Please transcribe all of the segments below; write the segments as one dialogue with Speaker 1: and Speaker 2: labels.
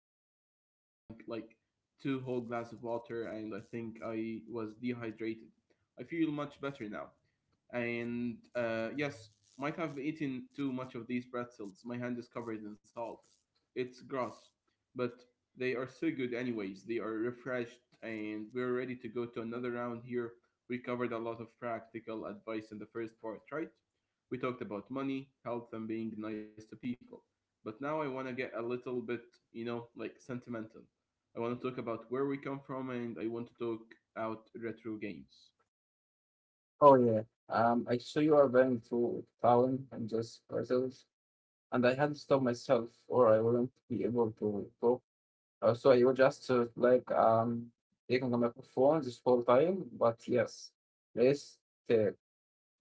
Speaker 1: seriously just drank like two whole glass of water, and I think I was dehydrated. I feel much better now. And yes, might have eaten too much of these pretzels. My hand is covered in salt. It's gross, but they are so good, anyways. They are refreshed, and we're ready to go to another round here. We covered a lot of practical advice in the first part, right? We talked about money, health, and being nice to people. But now I want to get a little bit, like sentimental. I want to talk about where we come from and I want to talk out retro games.
Speaker 2: Oh yeah. I saw you are going through town and just parcels, and I had to stop myself, or I wouldn't be able to go. So you were just like taking a microphone this whole time, but yes, this the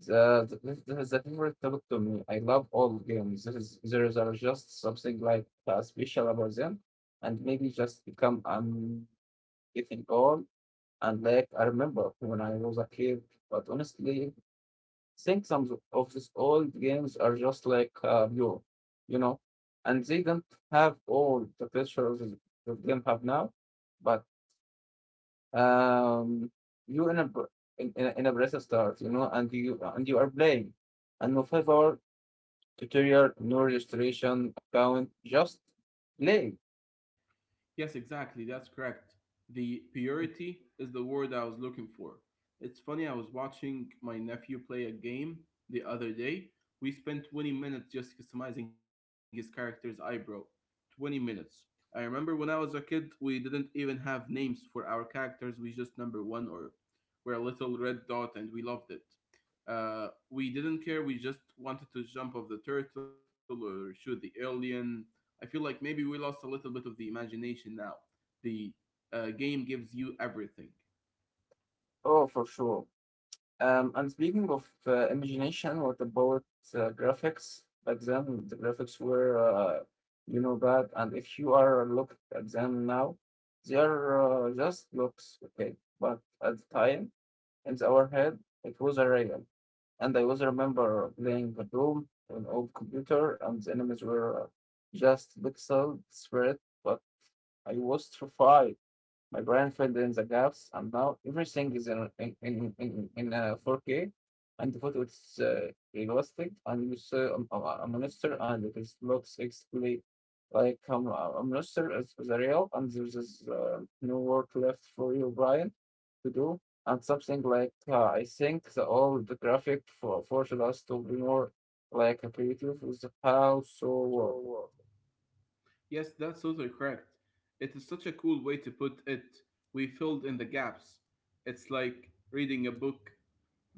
Speaker 2: this is the favorite topic to me. I love all games. There is are just something like special about them, and maybe just become getting old. And like I remember when I was a kid, but honestly think some of these old games are just like Europe, you know, and they don't have all the pressure the game have now, but um, you in a press start, you know, and you are playing, and no favor tutorial, no registration account, just play.
Speaker 1: Yes, exactly. That's correct. The purity is the word I was looking for. It's funny, I was watching my nephew play a game the other day. We spent 20 minutes just customizing his character's eyebrow. 20 minutes. I remember when I was a kid, we didn't even have names for our characters. We just number one or were a little red dot and we loved it. We didn't care, we just wanted to jump off the turtle or shoot the alien. I feel like maybe we lost a little bit of the imagination now. The game gives you everything.
Speaker 2: Oh, for sure. And speaking of imagination, what about graphics? Back then, the graphics were, you know, bad. And if you are looked at them now, they are just looks, okay. But at the time, in our head, it was a real. And I always remember playing the Doom on an old computer, and the enemies were just pixel spread. But I was terrified, my brain filled in the gaps, and now everything is in 4K, and the photo is realistic, and you see a monster, and it is, looks exactly like a monster is real, and there is no work left for you, Brian, to do. And something like I think the all the graphic forced us to be more like a creative with how so
Speaker 1: Yes, that's totally correct. It is such a cool way to put it. We filled in the gaps. It's like reading a book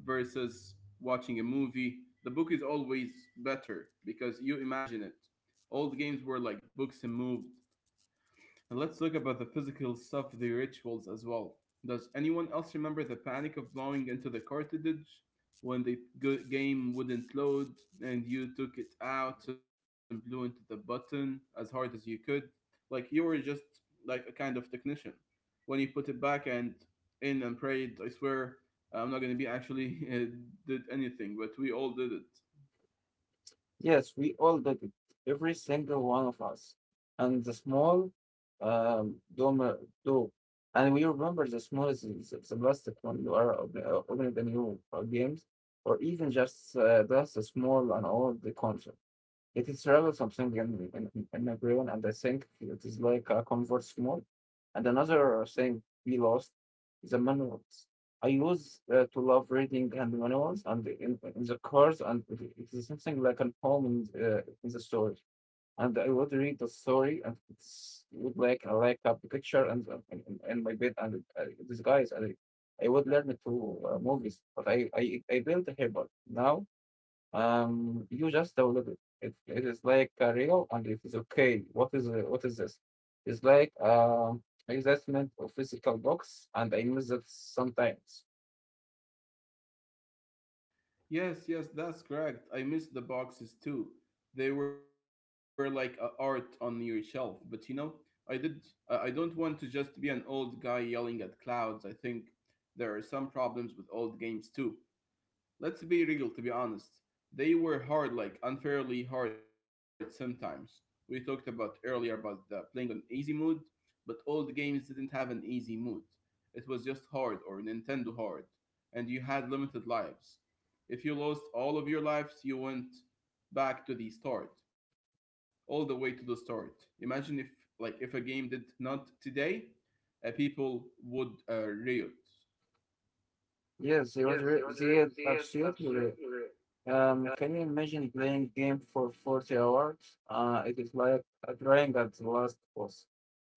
Speaker 1: versus watching a movie. The book is always better because you imagine it. Old games were like books and moved. And let's look about the physical stuff, the rituals as well. Does anyone else remember the panic of blowing into the cartridge when the game wouldn't load and you took it out and blew into the button as hard as you could? Like you were just like a kind of technician. When you put it back and in and prayed, I swear I'm not gonna be actually did anything, but we all did it.
Speaker 2: Yes, we all did it, every single one of us. And the small dome, do, and we remember the small is the plastic one you are opening the new games, or even just a small and old console. It is really something in my brain, and I think it is like a converse mode. And another thing we lost is the manuals. I used to love reading and manuals and in the cars, and it is something like an home in the story. And I would read the story, and it's would like I like a picture and in my bed and this guys. And I would learn to movies, but I built a habit now you just download it. It is like a real and it is okay. What is this? It's like investment of physical books, and I miss it sometimes.
Speaker 1: Yes, yes, that's correct. I missed the boxes too. They were like a art on your shelf. But you know, I did. I don't want to just be an old guy yelling at clouds. I think there are some problems with old games too. Let's be real, to be honest. They were hard, like unfairly hard sometimes. We talked about earlier about the playing on easy mode, but all the games didn't have an easy mode. It was just hard or Nintendo hard, and you had limited lives. If you lost all of your lives, you went back to the start, all the way to the start. Imagine if, like, if a game did not today, people would riot.
Speaker 2: Yes,
Speaker 1: Yes, they would.
Speaker 2: they had
Speaker 1: They had
Speaker 2: absolutely re-
Speaker 1: absolutely re-
Speaker 2: Can you imagine playing game for 40 hours? It is like trying at the last boss.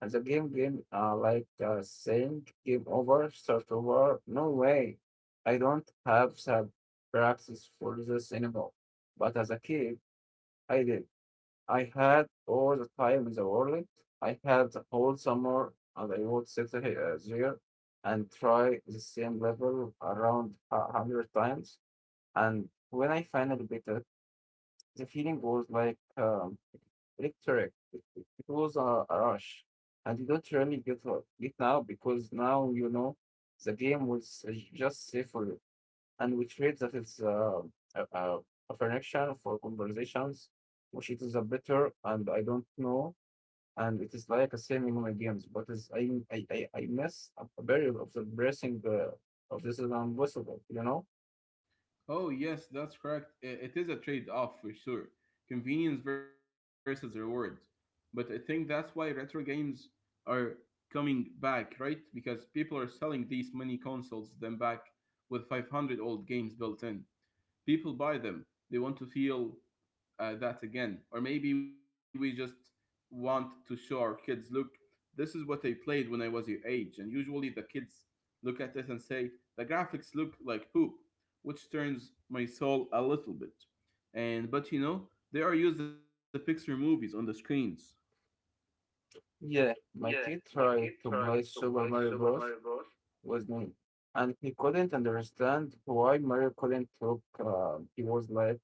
Speaker 2: And the game like saying game over, start over. No way. I don't have the practice for this anymore. But as a kid, I did. I had all the time in the world. I had the whole summer and I would sit here there and try the same level around 100 times. And when I finally beat it, the feeling goes like electric. It was a rush, and you don't really get it now because now you know the game was just safer, and we trade that it's a, a, a connection for conversations, which it is a better, and I don't know, and it is like a same in my games, but it's, I miss a very of the blessing of this is impossible, you know.
Speaker 1: Oh, yes, that's correct. It is a trade off for sure. Convenience versus reward. But I think that's why retro games are coming back, right? Because people are selling these mini consoles them back with 500 old games built in, people buy them, they want to feel that again, or maybe we just want to show our kids, look, this is what I played when I was your age. And usually the kids look at it and say the graphics look like poop, which turns my soul a little bit. And but you know, they are used the Pixar movies on the screens.
Speaker 2: Yeah,
Speaker 1: Yeah,
Speaker 2: my
Speaker 1: my kid
Speaker 2: kid
Speaker 1: tried
Speaker 2: tried
Speaker 1: to
Speaker 2: to play
Speaker 1: play
Speaker 2: Super
Speaker 1: Super
Speaker 2: Mario
Speaker 1: Mario Bros.
Speaker 2: Bros with me. And he couldn't understand why Mario couldn't talk. He was like,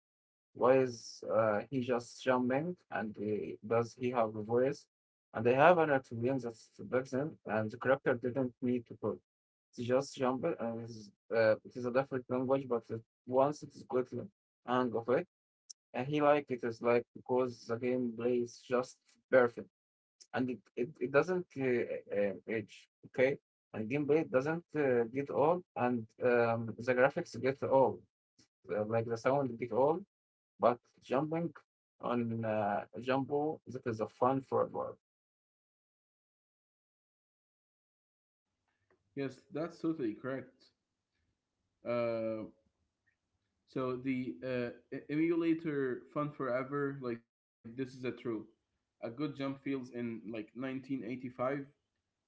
Speaker 2: why is he just jumping? And he, does he have a voice? And they have an Italian that's backs him, and the character didn't need to talk. It's just jumping, and it's, it is a different language, but it, once it's good hang of it, and he liked it, it's like because the gameplay is just perfect and it doesn't age. Okay, and gameplay doesn't get old, and the graphics get old, like the sound get old. But jumping on Jumbo, that is a fun forever.
Speaker 1: Yes, that's totally correct. uh, So the emulator Fun Forever, like this is a true, a good jump feels in like 1985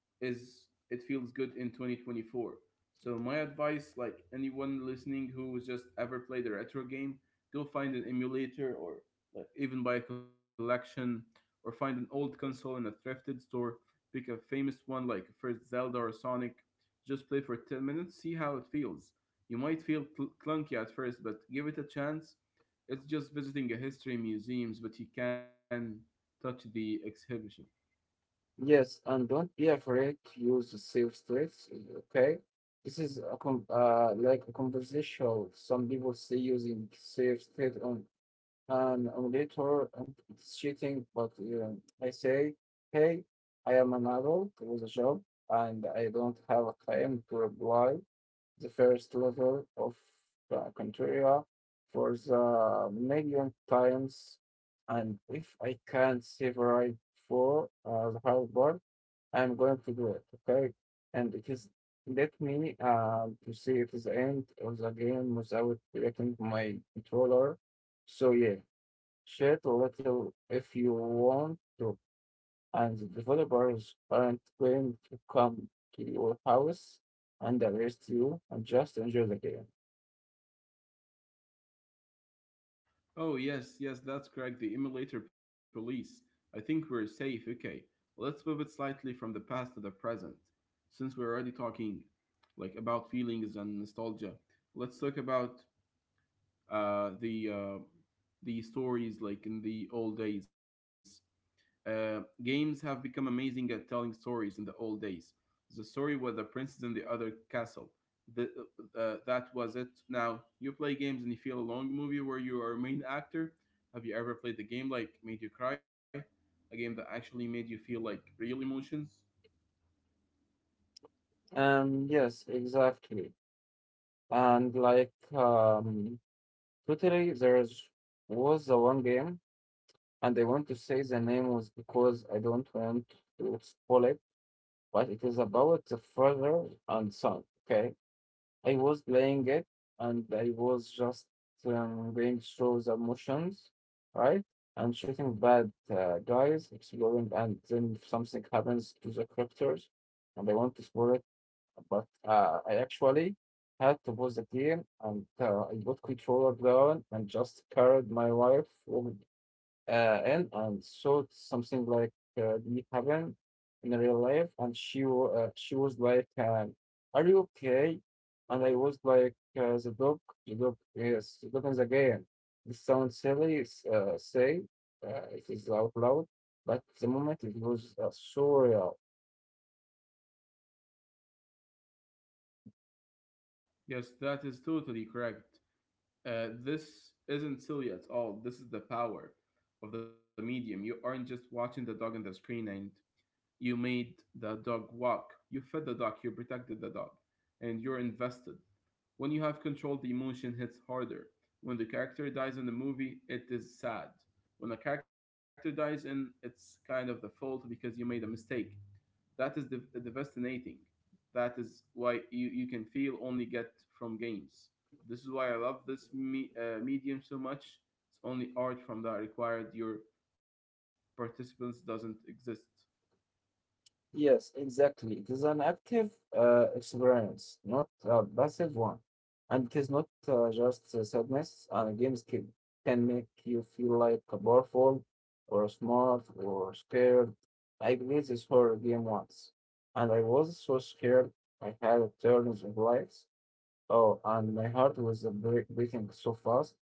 Speaker 1: is it feels good in 2024. So my advice, like anyone listening who's just ever played a retro game, go find an emulator or like even buy a collection or find an old console in a thrifted store, pick a famous one like first Zelda or Sonic, just play for 10 minutes, see how it feels. You might feel clunky at first, but give it a chance. It's just visiting a history museums, but you can touch the exhibition.
Speaker 2: Yes, and don't be afraid to use the safe states. Okay, this is a like a conversational. Some people say using safe state on an auditor and it's cheating, but you I say, hey, I am an adult with a job and I don't have a claim to apply the first level of the criteria for the million times. And if I can't save right for the hard part, I'm going to do it, okay? And it is let me to see it is the end of the game without breaking my controller. So yeah, share a little if you want to, and the developers aren't going to come to your house and arrest you and just enjoy the game.
Speaker 1: Oh, yes, yes, that's correct. The emulator police. I think we're safe. Okay, let's pivot slightly from the past to the present. Since we're already talking like about feelings and nostalgia, let's talk about uh, the uh, the stories like in the old days. Games have become amazing at telling stories in the old days. The story with the princess and the other castle. The, that was it. Now, you play games and you feel a long movie where you are a main actor. Have you ever played a game like made you cry? A game that actually made you feel like real emotions?
Speaker 2: Yes, exactly. And like, totally, there's was the one game, and I want to say the name was because I don't want to spoil it, but it is about the father and son, okay? I was playing it and I was just going through the motions, right? And shooting bad guys, exploring, and then something happens to the characters, and I want to explore it. But I actually had to pause the game, and I got controller down and just carried my wife in and saw something like it happen in real life. And she was like, "Are you okay?" And I was like, the dog, yes, the dog is again." This sounds silly, say it is out loud, but the moment it was surreal.
Speaker 1: Yes, that is totally correct. This isn't silly at all. This is the power of the medium. You aren't just watching the dog on the screen, and you made the dog walk, you fed the dog, you protected the dog, and you're invested. When you have control, the emotion hits harder. When the character dies in the movie, it is sad. When a character dies in, it's kind of the fault because you made a mistake. That is devastating. That is why you, you can feel only get from games. This is why I love this medium so much. It's only art from that required your participants doesn't exist.
Speaker 2: Yes, exactly. It is an active experience, not a passive one. And it is not just sadness. Games can make you feel like a powerful or smart or scared. I played this horror game once, and I was so scared. I had a turns of lights. Oh, and my heart was beating so fast.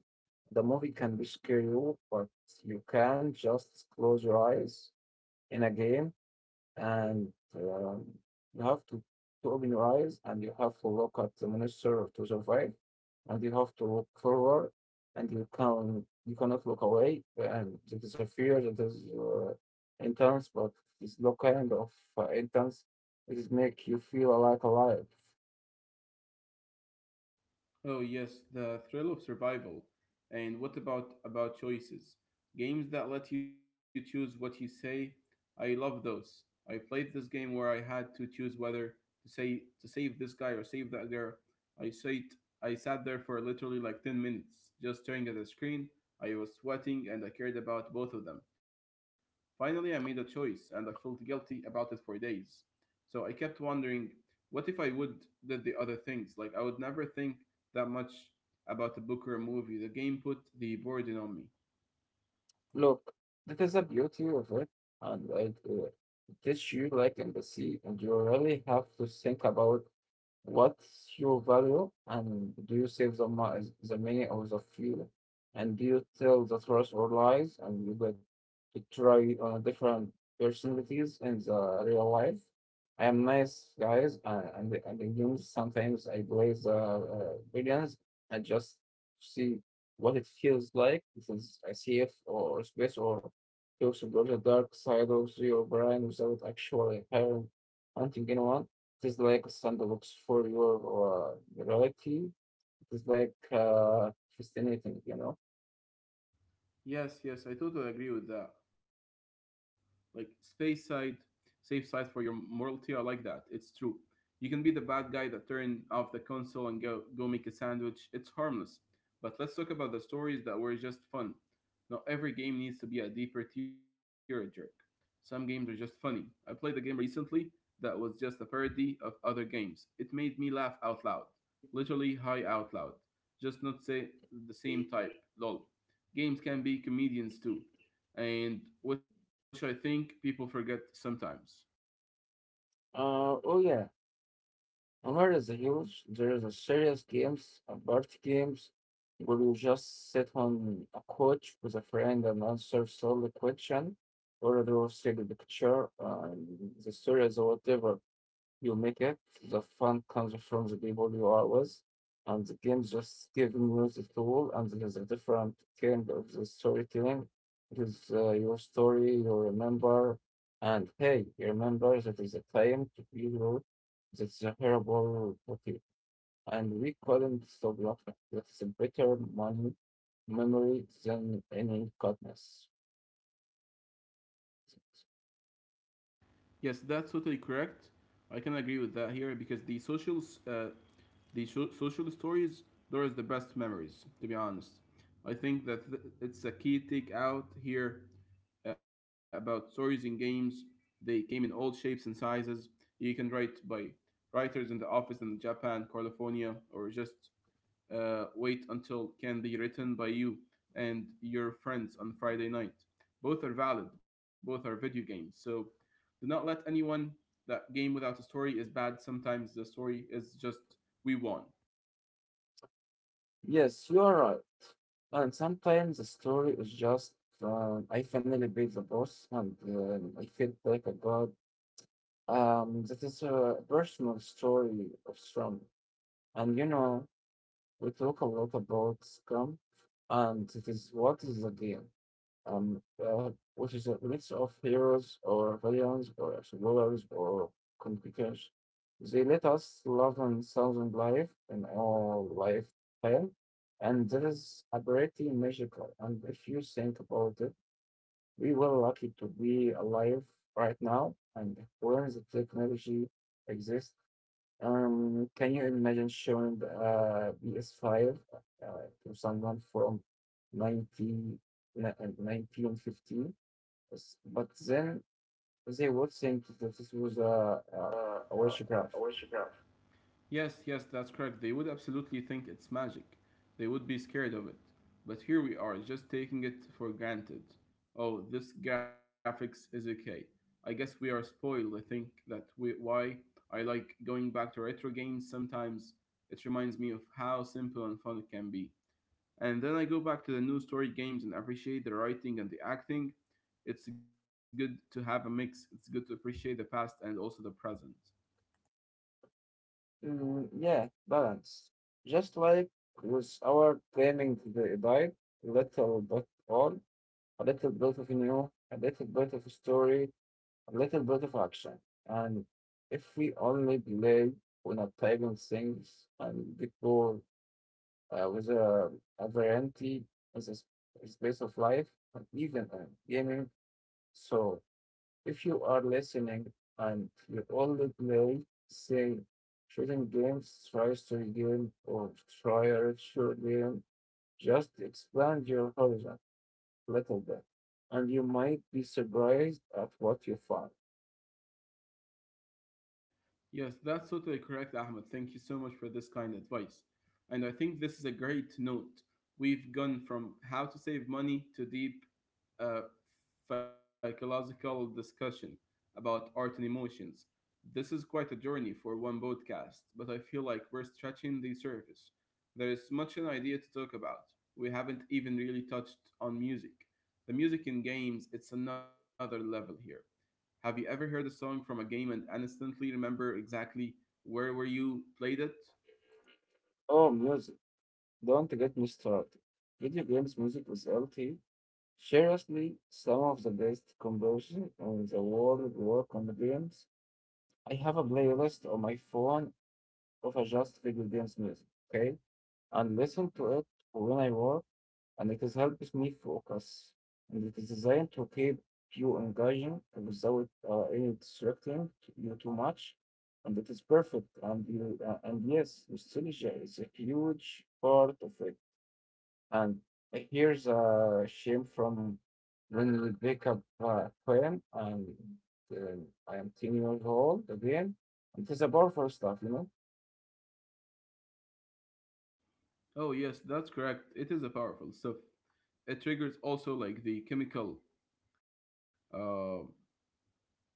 Speaker 2: The movie can be scary, but you can just close your eyes in a game and um, you have to open your eyes and you have to look at the monster to survive and you have to look forward and you cannot look away and it is a fear that is intense but it's no kind of intense it is make you feel like alive
Speaker 1: Oh yes, the thrill of survival. And what about choices? Games that let you choose what you say. I love those. I played this game where I had to choose whether to say to save this guy or save that girl. I sat I sat there for literally like 10 minutes just staring at the screen. I was sweating and I cared about both of them. Finally, I made a choice and I felt guilty about it for days. So I kept wondering, what if I would did the other things? Like I would never think that much about a book or a movie. The game put the burden on me.
Speaker 2: look that is the beauty of it and it teach you like empathy and you really have to think about what's your value? And do you save the money or the fuel? And do you tell the truth or lies? And you get to try different personalities in the real life. I am nice, guys, and in games sometimes I play the villains and just see what it feels like. If it's a safe or space or to explore the dark side of your brain without actually having hunting anyone. It is like a sandbox for your reality. It is like fascinating, you know.
Speaker 1: Yes, yes, I totally agree with that. Like space side, safe side for your morality. I like that. It's true. You can be the bad guy that turn off the console and go make a sandwich. It's harmless. But let's talk about the stories that were just fun. Not every game needs to be a deeper tearjerk. Some games are just funny. I played a game recently that was just a parody of other games. It made me laugh out loud, literally high out loud. Just not say the same type. Lol. Games can be comedians too, and which I think people forget sometimes.
Speaker 2: Oh yeah, and where is the huge? There is a serious games, a party games, where you just sit on a couch with a friend and answer solid question, or draw a single picture, and the stories or whatever. You make it. The fun comes from the people you are with, and the game just gives you the tool, and there's a different kind of the storytelling. It is your story, you remember, and hey, you remember that is a time to be wrote. That's a horrible okay. And we couldn't stop laughing. That's a better money memory than any goodness.
Speaker 1: Yes, that's totally correct. I can agree with that here because the social, uh, social stories, those are the best memories. To be honest, I think that it's a key take out here about stories in games. They came in all shapes and sizes. You can write by writers in the office in Japan, California, or just wait until can be written by you and your friends on Friday night. Both are valid, both are video games. So do not let anyone that game without a story is bad. Sometimes the story is just we won.
Speaker 2: Yes, you are right. And sometimes the story is just I finally beat the boss and I feel like a god. That is a personal story of Scrum. And you know, we talk a lot about Scrum and it is what is the game um, uh, which is a mix of heroes or villains or explorers or complicators. They let us love and thousand life in our lifetime, and that is a pretty magical. And if you think about it, we were lucky to be alive right now and where the technology exists. Can you imagine showing PS5 to someone from 90 1950 S- But then they would think that this was
Speaker 1: Uh, uh, I
Speaker 2: a
Speaker 1: wish you got.
Speaker 2: witchcraft.
Speaker 1: Yes, yes, that's correct. They would absolutely think it's magic. They would be scared of it. But here we are, just taking it for granted. Oh, this graphics is okay. I guess we are spoiled. I think that we, why I like going back to retro games sometimes. It reminds me of how simple and fun it can be. And then I go back to the new story games and appreciate the writing and the acting. It's good to have a mix. It's good to appreciate the past and also the present.
Speaker 2: Mm, yeah, balance. Just like with our claiming the diet, little but all, a little bit of new, a little bit of story, a little bit of action. And if we only delay, we're not typing things and before with a variety as a space of life, and even gaming. So if you are listening and you only play, say, shooting games, try story game, or try a retro game, just expand your horizon a little bit, and you might be surprised at what you find.
Speaker 1: Yes, that's totally correct, Ahmed. Thank you so much for this kind advice. And I think this is a great note. We've gone from how to save money to deep uh, psychological discussion about art and emotions. This is quite a journey for one podcast, but I feel like we're stretching the surface. There is much an idea to talk about. We haven't even really touched on music. The music in games, it's another level here. Have you ever heard a song from a game and instantly remember exactly where were you played it?
Speaker 2: Oh, music. Don't get me started. Video games music is LT. Seriously, some of the best composition in the world work on the games. I have a playlist on my phone of just video games music, okay? And listen to it when I work, and it is helps me focus. And it is designed to keep you engaging without any distracting you too much. And it is perfect. And you and yes, nostalgia is a huge part of it. And here's a shame from when we wake up poem, and I am 10 years old again. It is a powerful stuff, you know.
Speaker 1: Oh yes, that's correct. It is a powerful stuff. It triggers also like uh,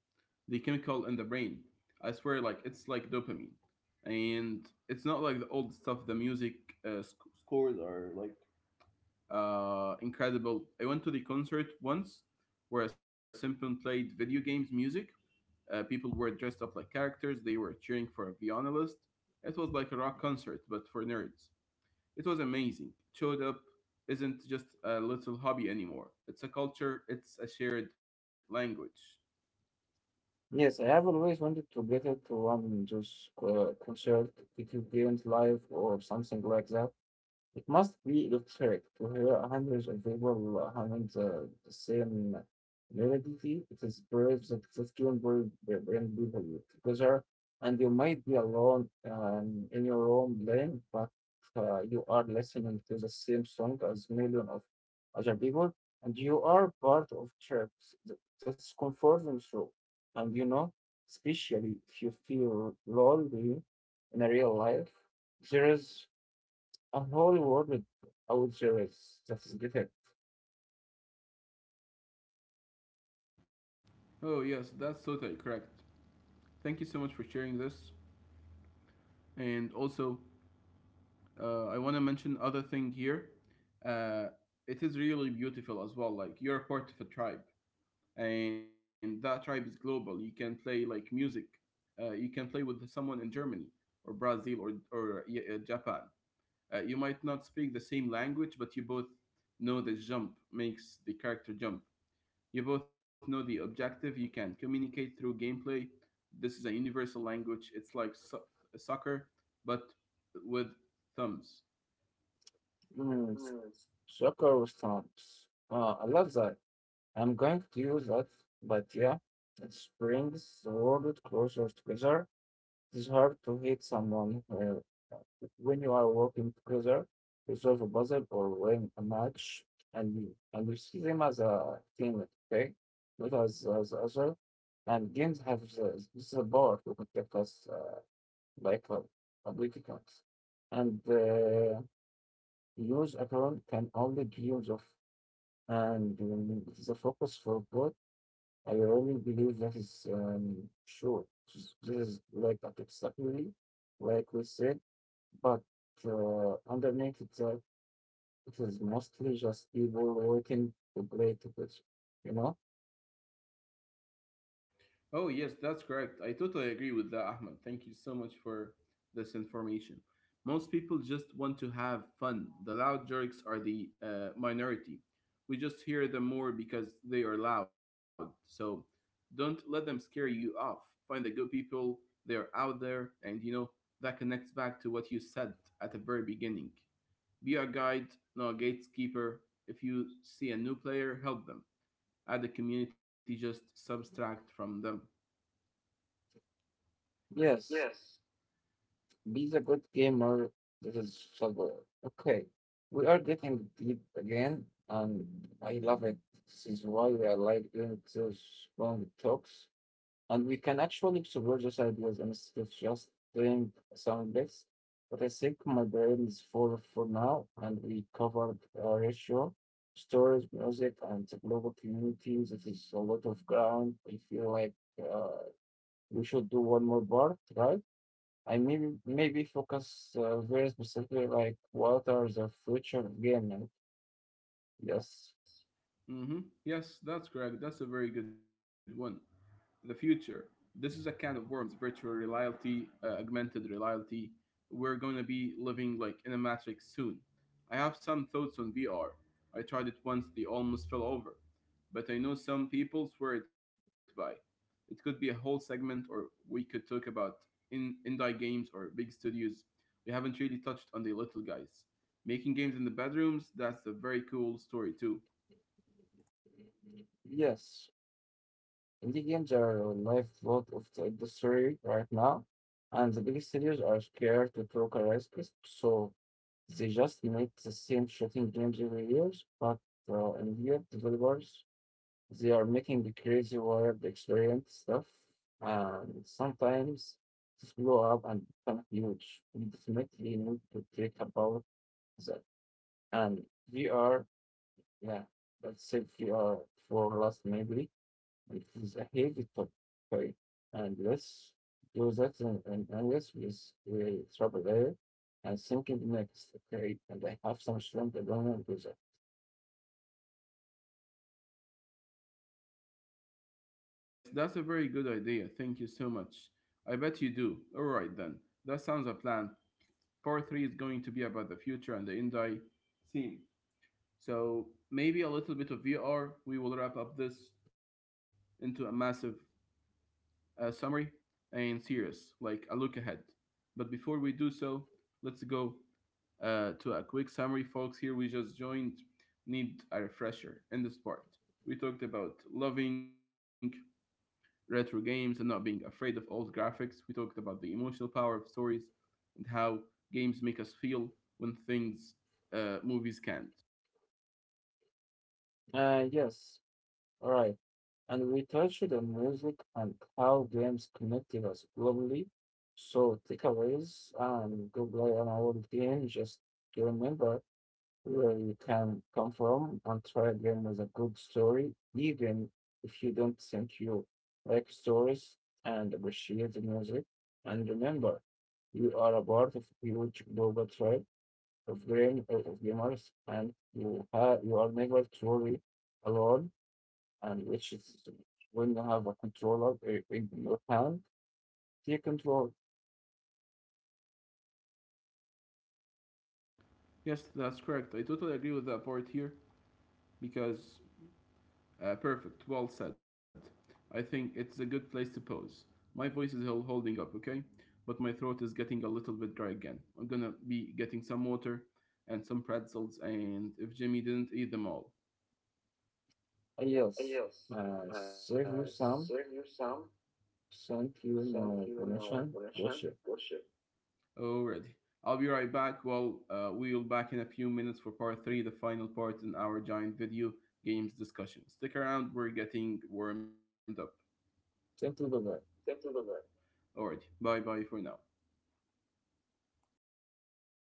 Speaker 1: the chemical in the brain. I swear, like it's like dopamine, and it's not like the old stuff. The music uh, sc- scores are like incredible. I went to the concert once where a Simple played video games music. People were dressed up like characters, they were cheering for a violinist. It was like a rock concert, but for nerds. It was amazing. Showed Up isn't just a little hobby anymore, it's a culture, it's a shared language.
Speaker 2: Yes, I have always wanted to get it to one just concert, it wasn't live or something like that. It must be electric to hear hundreds of people humming the same melody. It is brave that this can bring people together, and you might be alone in your own lane, but you are listening to the same song as million of other people, and you are part of tribes. That's comforting show, and you know, especially if you feel lonely in a real life, there is a whole world with would series it's just get it.
Speaker 1: Oh, yes, that's totally correct. Thank you so much for sharing this. And also, I want to mention other thing here. Uh, it is really beautiful as well. Like you're a part of a tribe, and that tribe is global. You can play like music. You can play with someone in Germany or Brazil or yeah, Japan. You might not speak the same language, but you both know the jump makes the character jump. You both know the objective. You can communicate through gameplay. This is a universal language. It's like soccer, but with thumbs.
Speaker 2: Mm, soccer stamps. I love that. I'm going to use that, but yeah, it brings the world closer together. It's hard to hit someone when you are working together to solve a puzzle or win a match, and you see them as a team, okay? Not as other. And games have the power to protect us like public accounts. And use account can only be used of, and it is a focus for both. I really believe that is sure. This is like a subsidiary, like we said, but underneath it, it is mostly just people waiting to play to pitch, you know?
Speaker 1: Oh, yes, that's correct. I totally agree with that, Ahmed. Thank you so much for this information. Most people just want to have fun. The loud jerks are the minority. We just hear them more because they are loud. So don't let them scare you off. Find the good people, they're out there. And you know, that connects back to what you said at the very beginning. Be a guide, not a gatekeeper. If you see a new player, help them. Add a community, just subtract from them.
Speaker 2: Yes,
Speaker 1: Yes.
Speaker 2: beat a good gamer this that is sober. Okay, we are getting deep again, and I love it. This is why I like doing those long talks, and we can actually explore those ideas instead of just doing sound bits. But I think my brain is full for now, and we covered ratio, stories, music, and the global community. That is a lot of ground. I feel like uh, we should do one more part, right? I mean, maybe focus very specifically, like what are the future of gaming? Yes,
Speaker 1: Yes, that's correct. That's a very good one. The future. This is a can of worms, virtual reality, augmented reality. We're going to be living like in a matrix soon. I have some thoughts on VR. I tried it once, they almost fell over. But I know some people swear it by. It could be a whole segment, or we could talk about in indie games or big studios. We haven't really touched on the little guys. Making games in the bedrooms, that's a very cool story too.
Speaker 2: yes, indie games are a lifeblood of the industry right now, and the big studios are scared to take a risk, so they just make the same shooting games every year. But in here, developers they are making the crazy wild experience stuff, and sometimes just blow up and become huge. We definitely need to think about that and VR, yeah, let's say VR for last maybe. It is a heavy topic, okay? And let's do that and let's with we trouble there and thinking next, okay? And I have some strong agreement with that.
Speaker 1: Yes, that's a very good idea. Thank you so much. I bet you do. All right then. That sounds a plan. Part 3 is going to be about the future and the end I scene. So maybe a little bit of VR. We will wrap up this into a massive summary and serious, like a look ahead. But before we do so, let's go to a quick summary, folks. Here we just joined. Need a refresher in this part. We talked about loving retro games and not being afraid of old graphics. We talked about the emotional power of stories and how games make us feel when things movies can't.
Speaker 2: Yes, all right. And we touched on music and how games connected us globally. So takeaways and go play on our game just to remember where you can come from and try again with a good story, even if you don't think you like stories and appreciate the music. And remember, you are a part of a huge global tribe of gamers, and you are never truly alone. And which is when you have a controller in your hand, take control.
Speaker 1: Yes, that's correct. I totally agree with that part here because perfect, well said. I think it's a good place to pause. My voice is holding up, okay? But my throat is getting a little bit dry again. I'm gonna be getting some water and some pretzels, and if Jimmy didn't eat them all.
Speaker 2: Yes,
Speaker 1: Yes,
Speaker 2: save you
Speaker 1: serve you
Speaker 2: some.
Speaker 1: some.
Speaker 2: Thank you,
Speaker 1: Thank you,
Speaker 2: permission.
Speaker 1: Vanessa.
Speaker 2: Gotcha.
Speaker 1: Worship. Alrighty. I'll be right back. Well, we'll back in a few minutes for part three, the final part in our giant video games discussion. Stick around, we're getting warmed up.
Speaker 2: Thank you, bye-bye.
Speaker 1: Thank you, bye-bye. Alrighty. Bye bye for now.